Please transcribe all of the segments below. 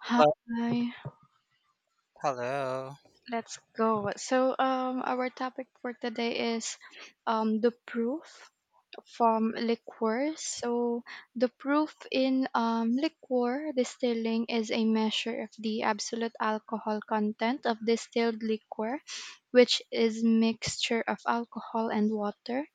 Hi, Hello. Hello. let's go. Our topic for today is the proof from liqueurs. So, the proof in liqueur distilling is a measure of the absolute alcohol content of distilled liquor, which is mixture of alcohol and water.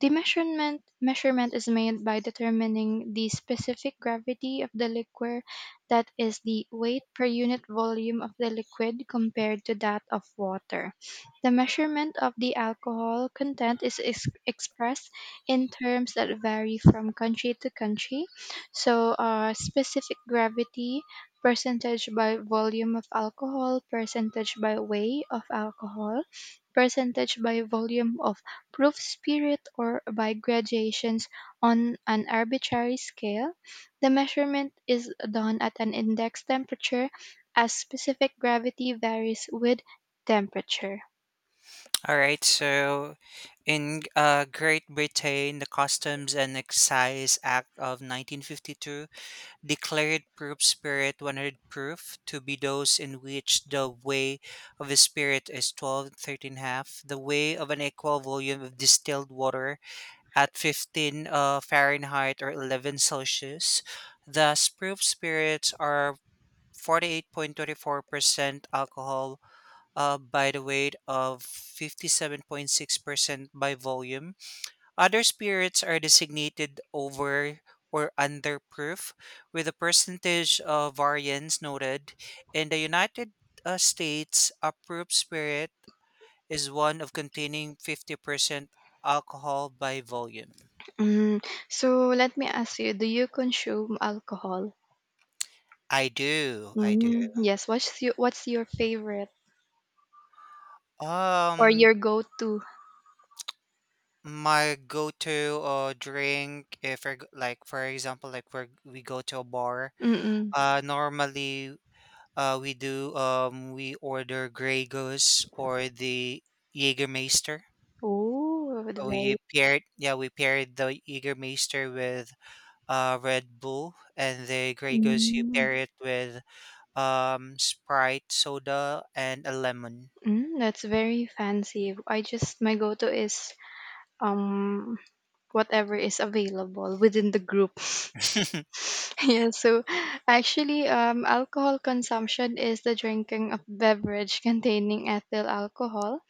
The measurement is made by determining the specific gravity of the liquor, that is the weight per unit volume of the liquid compared to that of water. The measurement of the alcohol content is expressed in terms that vary from country to country. Specific gravity, percentage by volume of alcohol, percentage by weight of alcohol, percentage by volume of proof spirit, or by graduations on an arbitrary scale. The measurement is done at an index temperature as specific gravity varies with temperature. All right. So, in Great Britain, the Customs and Excise Act of 1952 declared proof spirit 100 proof to be those in which the weight of a spirit is 12 13 half, the weight of an equal volume of distilled water at 15 Fahrenheit or 11 Celsius. Thus, proof spirits are 48.24% alcohol by the weight of 57.6% by volume. Other spirits are designated over or under proof, with a percentage of variance noted. In the United States, a proof spirit is one of containing 50% alcohol by volume. Mm, so let me ask you, do you consume alcohol? I do, I do. Mm, yes, what's your favorite or Um, your go-to? my go-to drink if we're like, for example, like we go to a bar. Mm-mm. Normally, we do we order Grey Goose or the Jägermeister. Oh, very. We paired, yeah, we paired the Jägermeister with Red Bull, and the Grey Goose you Mm, pair it with Sprite soda and a lemon. mm, that's very fancy. I just, my go-to is um whatever is available within the group. Yeah, so actually, alcohol consumption is the drinking of beverage containing ethyl alcohol,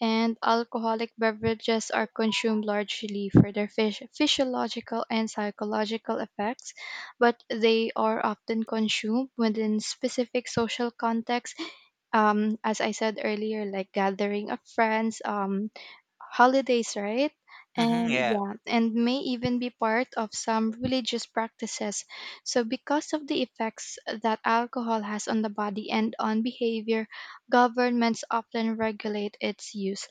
and alcoholic beverages are consumed largely for their physiological and psychological effects, but they are often consumed within specific social contexts. As I said earlier, like gathering of friends, holidays, right? Hmm, And yeah. yeah, and may even be part of some religious practices. So, because of the effects that alcohol has on the body and on behavior, governments often regulate its use.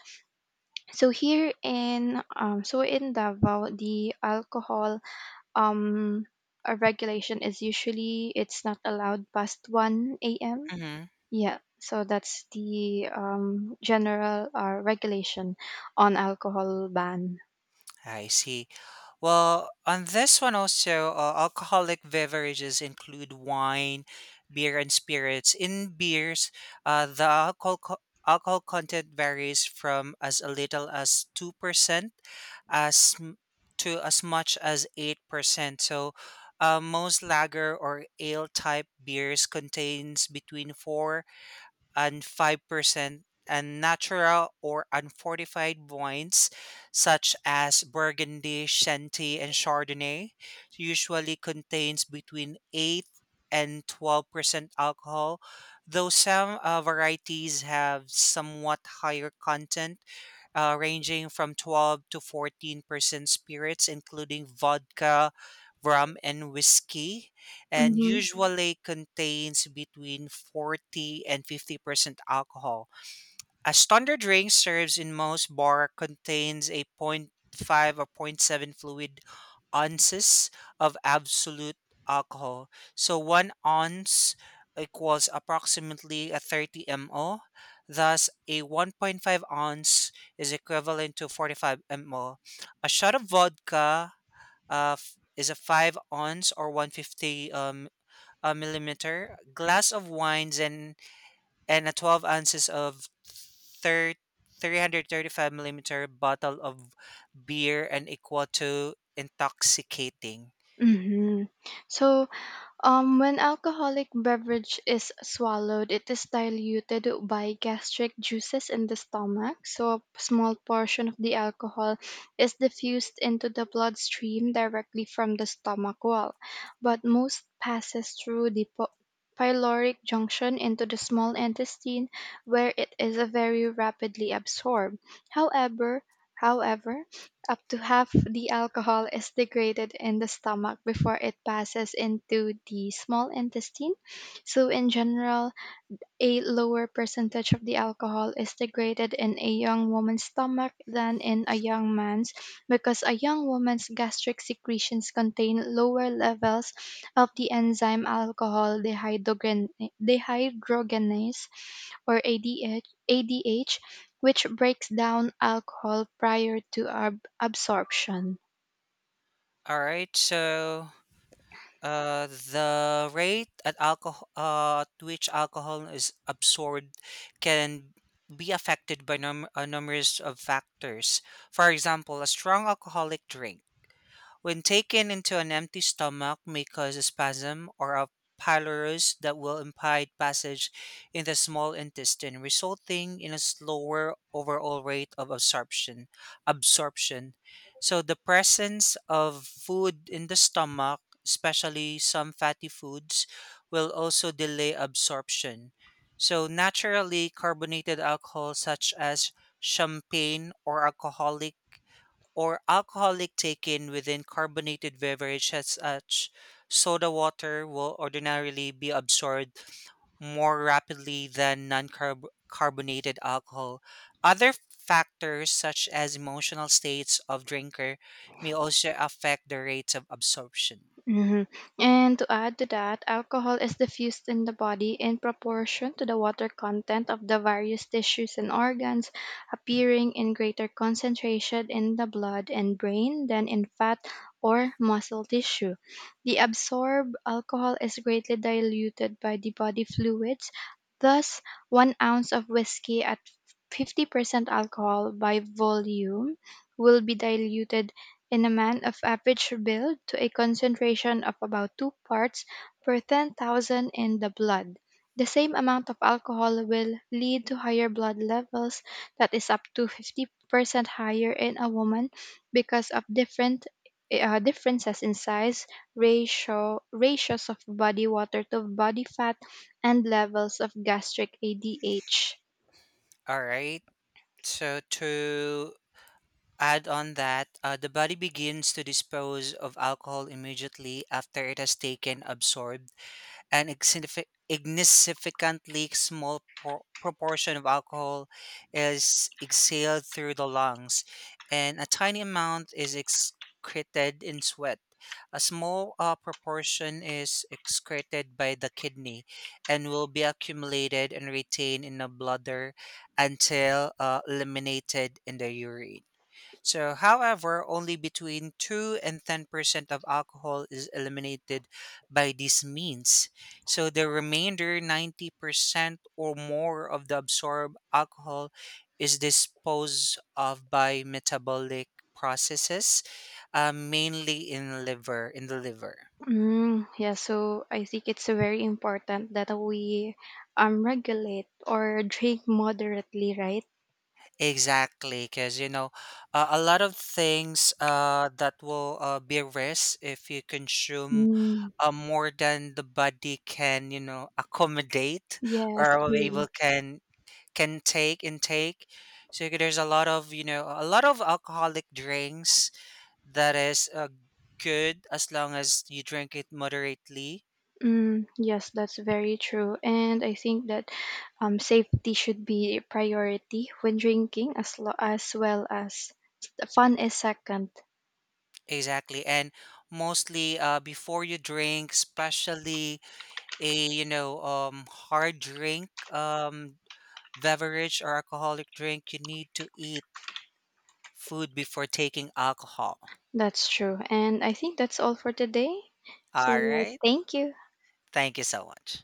So here in so in Davao, the alcohol um regulation is usually it's not allowed past 1 a.m. Hmm, Yeah, so that's the general regulation on alcohol ban. I see. Well, on this one also, alcoholic beverages include wine, beer, and spirits. In beers, the alcohol content varies from as little as 2% as m- to as much as 8%. So, most lager or ale type beers contains between four and 5%, and natural or unfortified wines such as Burgundy, Chianti, and Chardonnay usually contains between 8 and 12% alcohol, though some varieties have somewhat higher content, ranging from 12 to 14% spirits, including vodka, rum, and whiskey and Mm-hmm. usually contains between 40 and 50% alcohol. A standard drink serves in most bar contains a 0.5 or 0.7 fluid ounces of absolute alcohol. So 1 ounce equals approximately a 30 ml. Thus, a 1.5 ounce is equivalent to 45 ml. A shot of vodka is a 5 ounce or 150 a millimeter, glass of wines, and a 12 ounces of thir- 335 millimeter bottle of beer and equal to intoxicating. Mm-hmm. So when alcoholic beverage is swallowed, it is diluted by gastric juices in the stomach. So a small portion of the alcohol is diffused into the bloodstream directly from the stomach wall, but most passes through the pyloric junction into the small intestine where it is very rapidly absorbed. However, however, up to half the alcohol is degraded in the stomach before it passes into the small intestine. So, in general, a lower percentage of the alcohol is degraded in a young woman's stomach than in a young man's because a young woman's gastric secretions contain lower levels of the enzyme alcohol dehydrogenase, or ADH, which breaks down alcohol prior to absorption. All right, so the rate at which alcohol is absorbed can be affected by a numerous of factors. For example, a strong alcoholic drink when taken into an empty stomach may cause a spasm or a pylorus that will impede passage in the small intestine, resulting in a slower overall rate of absorption. So the presence of food in the stomach, especially some fatty foods, will also delay absorption. So naturally carbonated alcohol such as champagne or alcoholic taken within carbonated beverage as such, soda water, will ordinarily be absorbed more rapidly than non-carbonated alcohol. Other factors such as emotional states of drinker may also affect the rates of absorption. Hmm. And to add to that, alcohol is diffused in the body in proportion to the water content of the various tissues and organs, appearing in greater concentration in the blood and brain than in fat or muscle tissue. The absorbed alcohol is greatly diluted by the body fluids. Thus, 1 ounce of whiskey at 50% alcohol by volume will be diluted in a man of average build to a concentration of about 2 parts per 10,000 in the blood. The same amount of alcohol will lead to higher blood levels, that is up to 50% higher in a woman, because of different differences in size, ratios of body water to body fat, and levels of gastric ADH. All right. So to add on that, the body begins to dispose of alcohol immediately after it has taken, absorbed, an insignificantly small proportion of alcohol is exhaled through the lungs, and a tiny amount is excreted in sweat. A small proportion is excreted by the kidney and will be accumulated and retained in the bladder until eliminated in the urine. So, however, only between 2 and 10% of alcohol is eliminated by these means. So, the remainder, 90% or more of the absorbed alcohol, is disposed of by metabolic processes, mainly in the liver. Mm, yeah, so I think it's very important that we regulate or drink moderately, right? Exactly, because you know, a lot of things that will be risk if you consume Mm, more than the body can, accommodate, yes, or will be true. able can take intake. So there's a lot of alcoholic drinks that is good as long as you drink it moderately. Mm, yes, that's very true. And I think that safety should be a priority when drinking, as as well as, the fun is second. Exactly, and mostly before you drink, especially a hard drink, beverage or alcoholic drink, you need to eat food before taking alcohol. That's true. And I think that's all for today. All So right, thank you. thank you so much.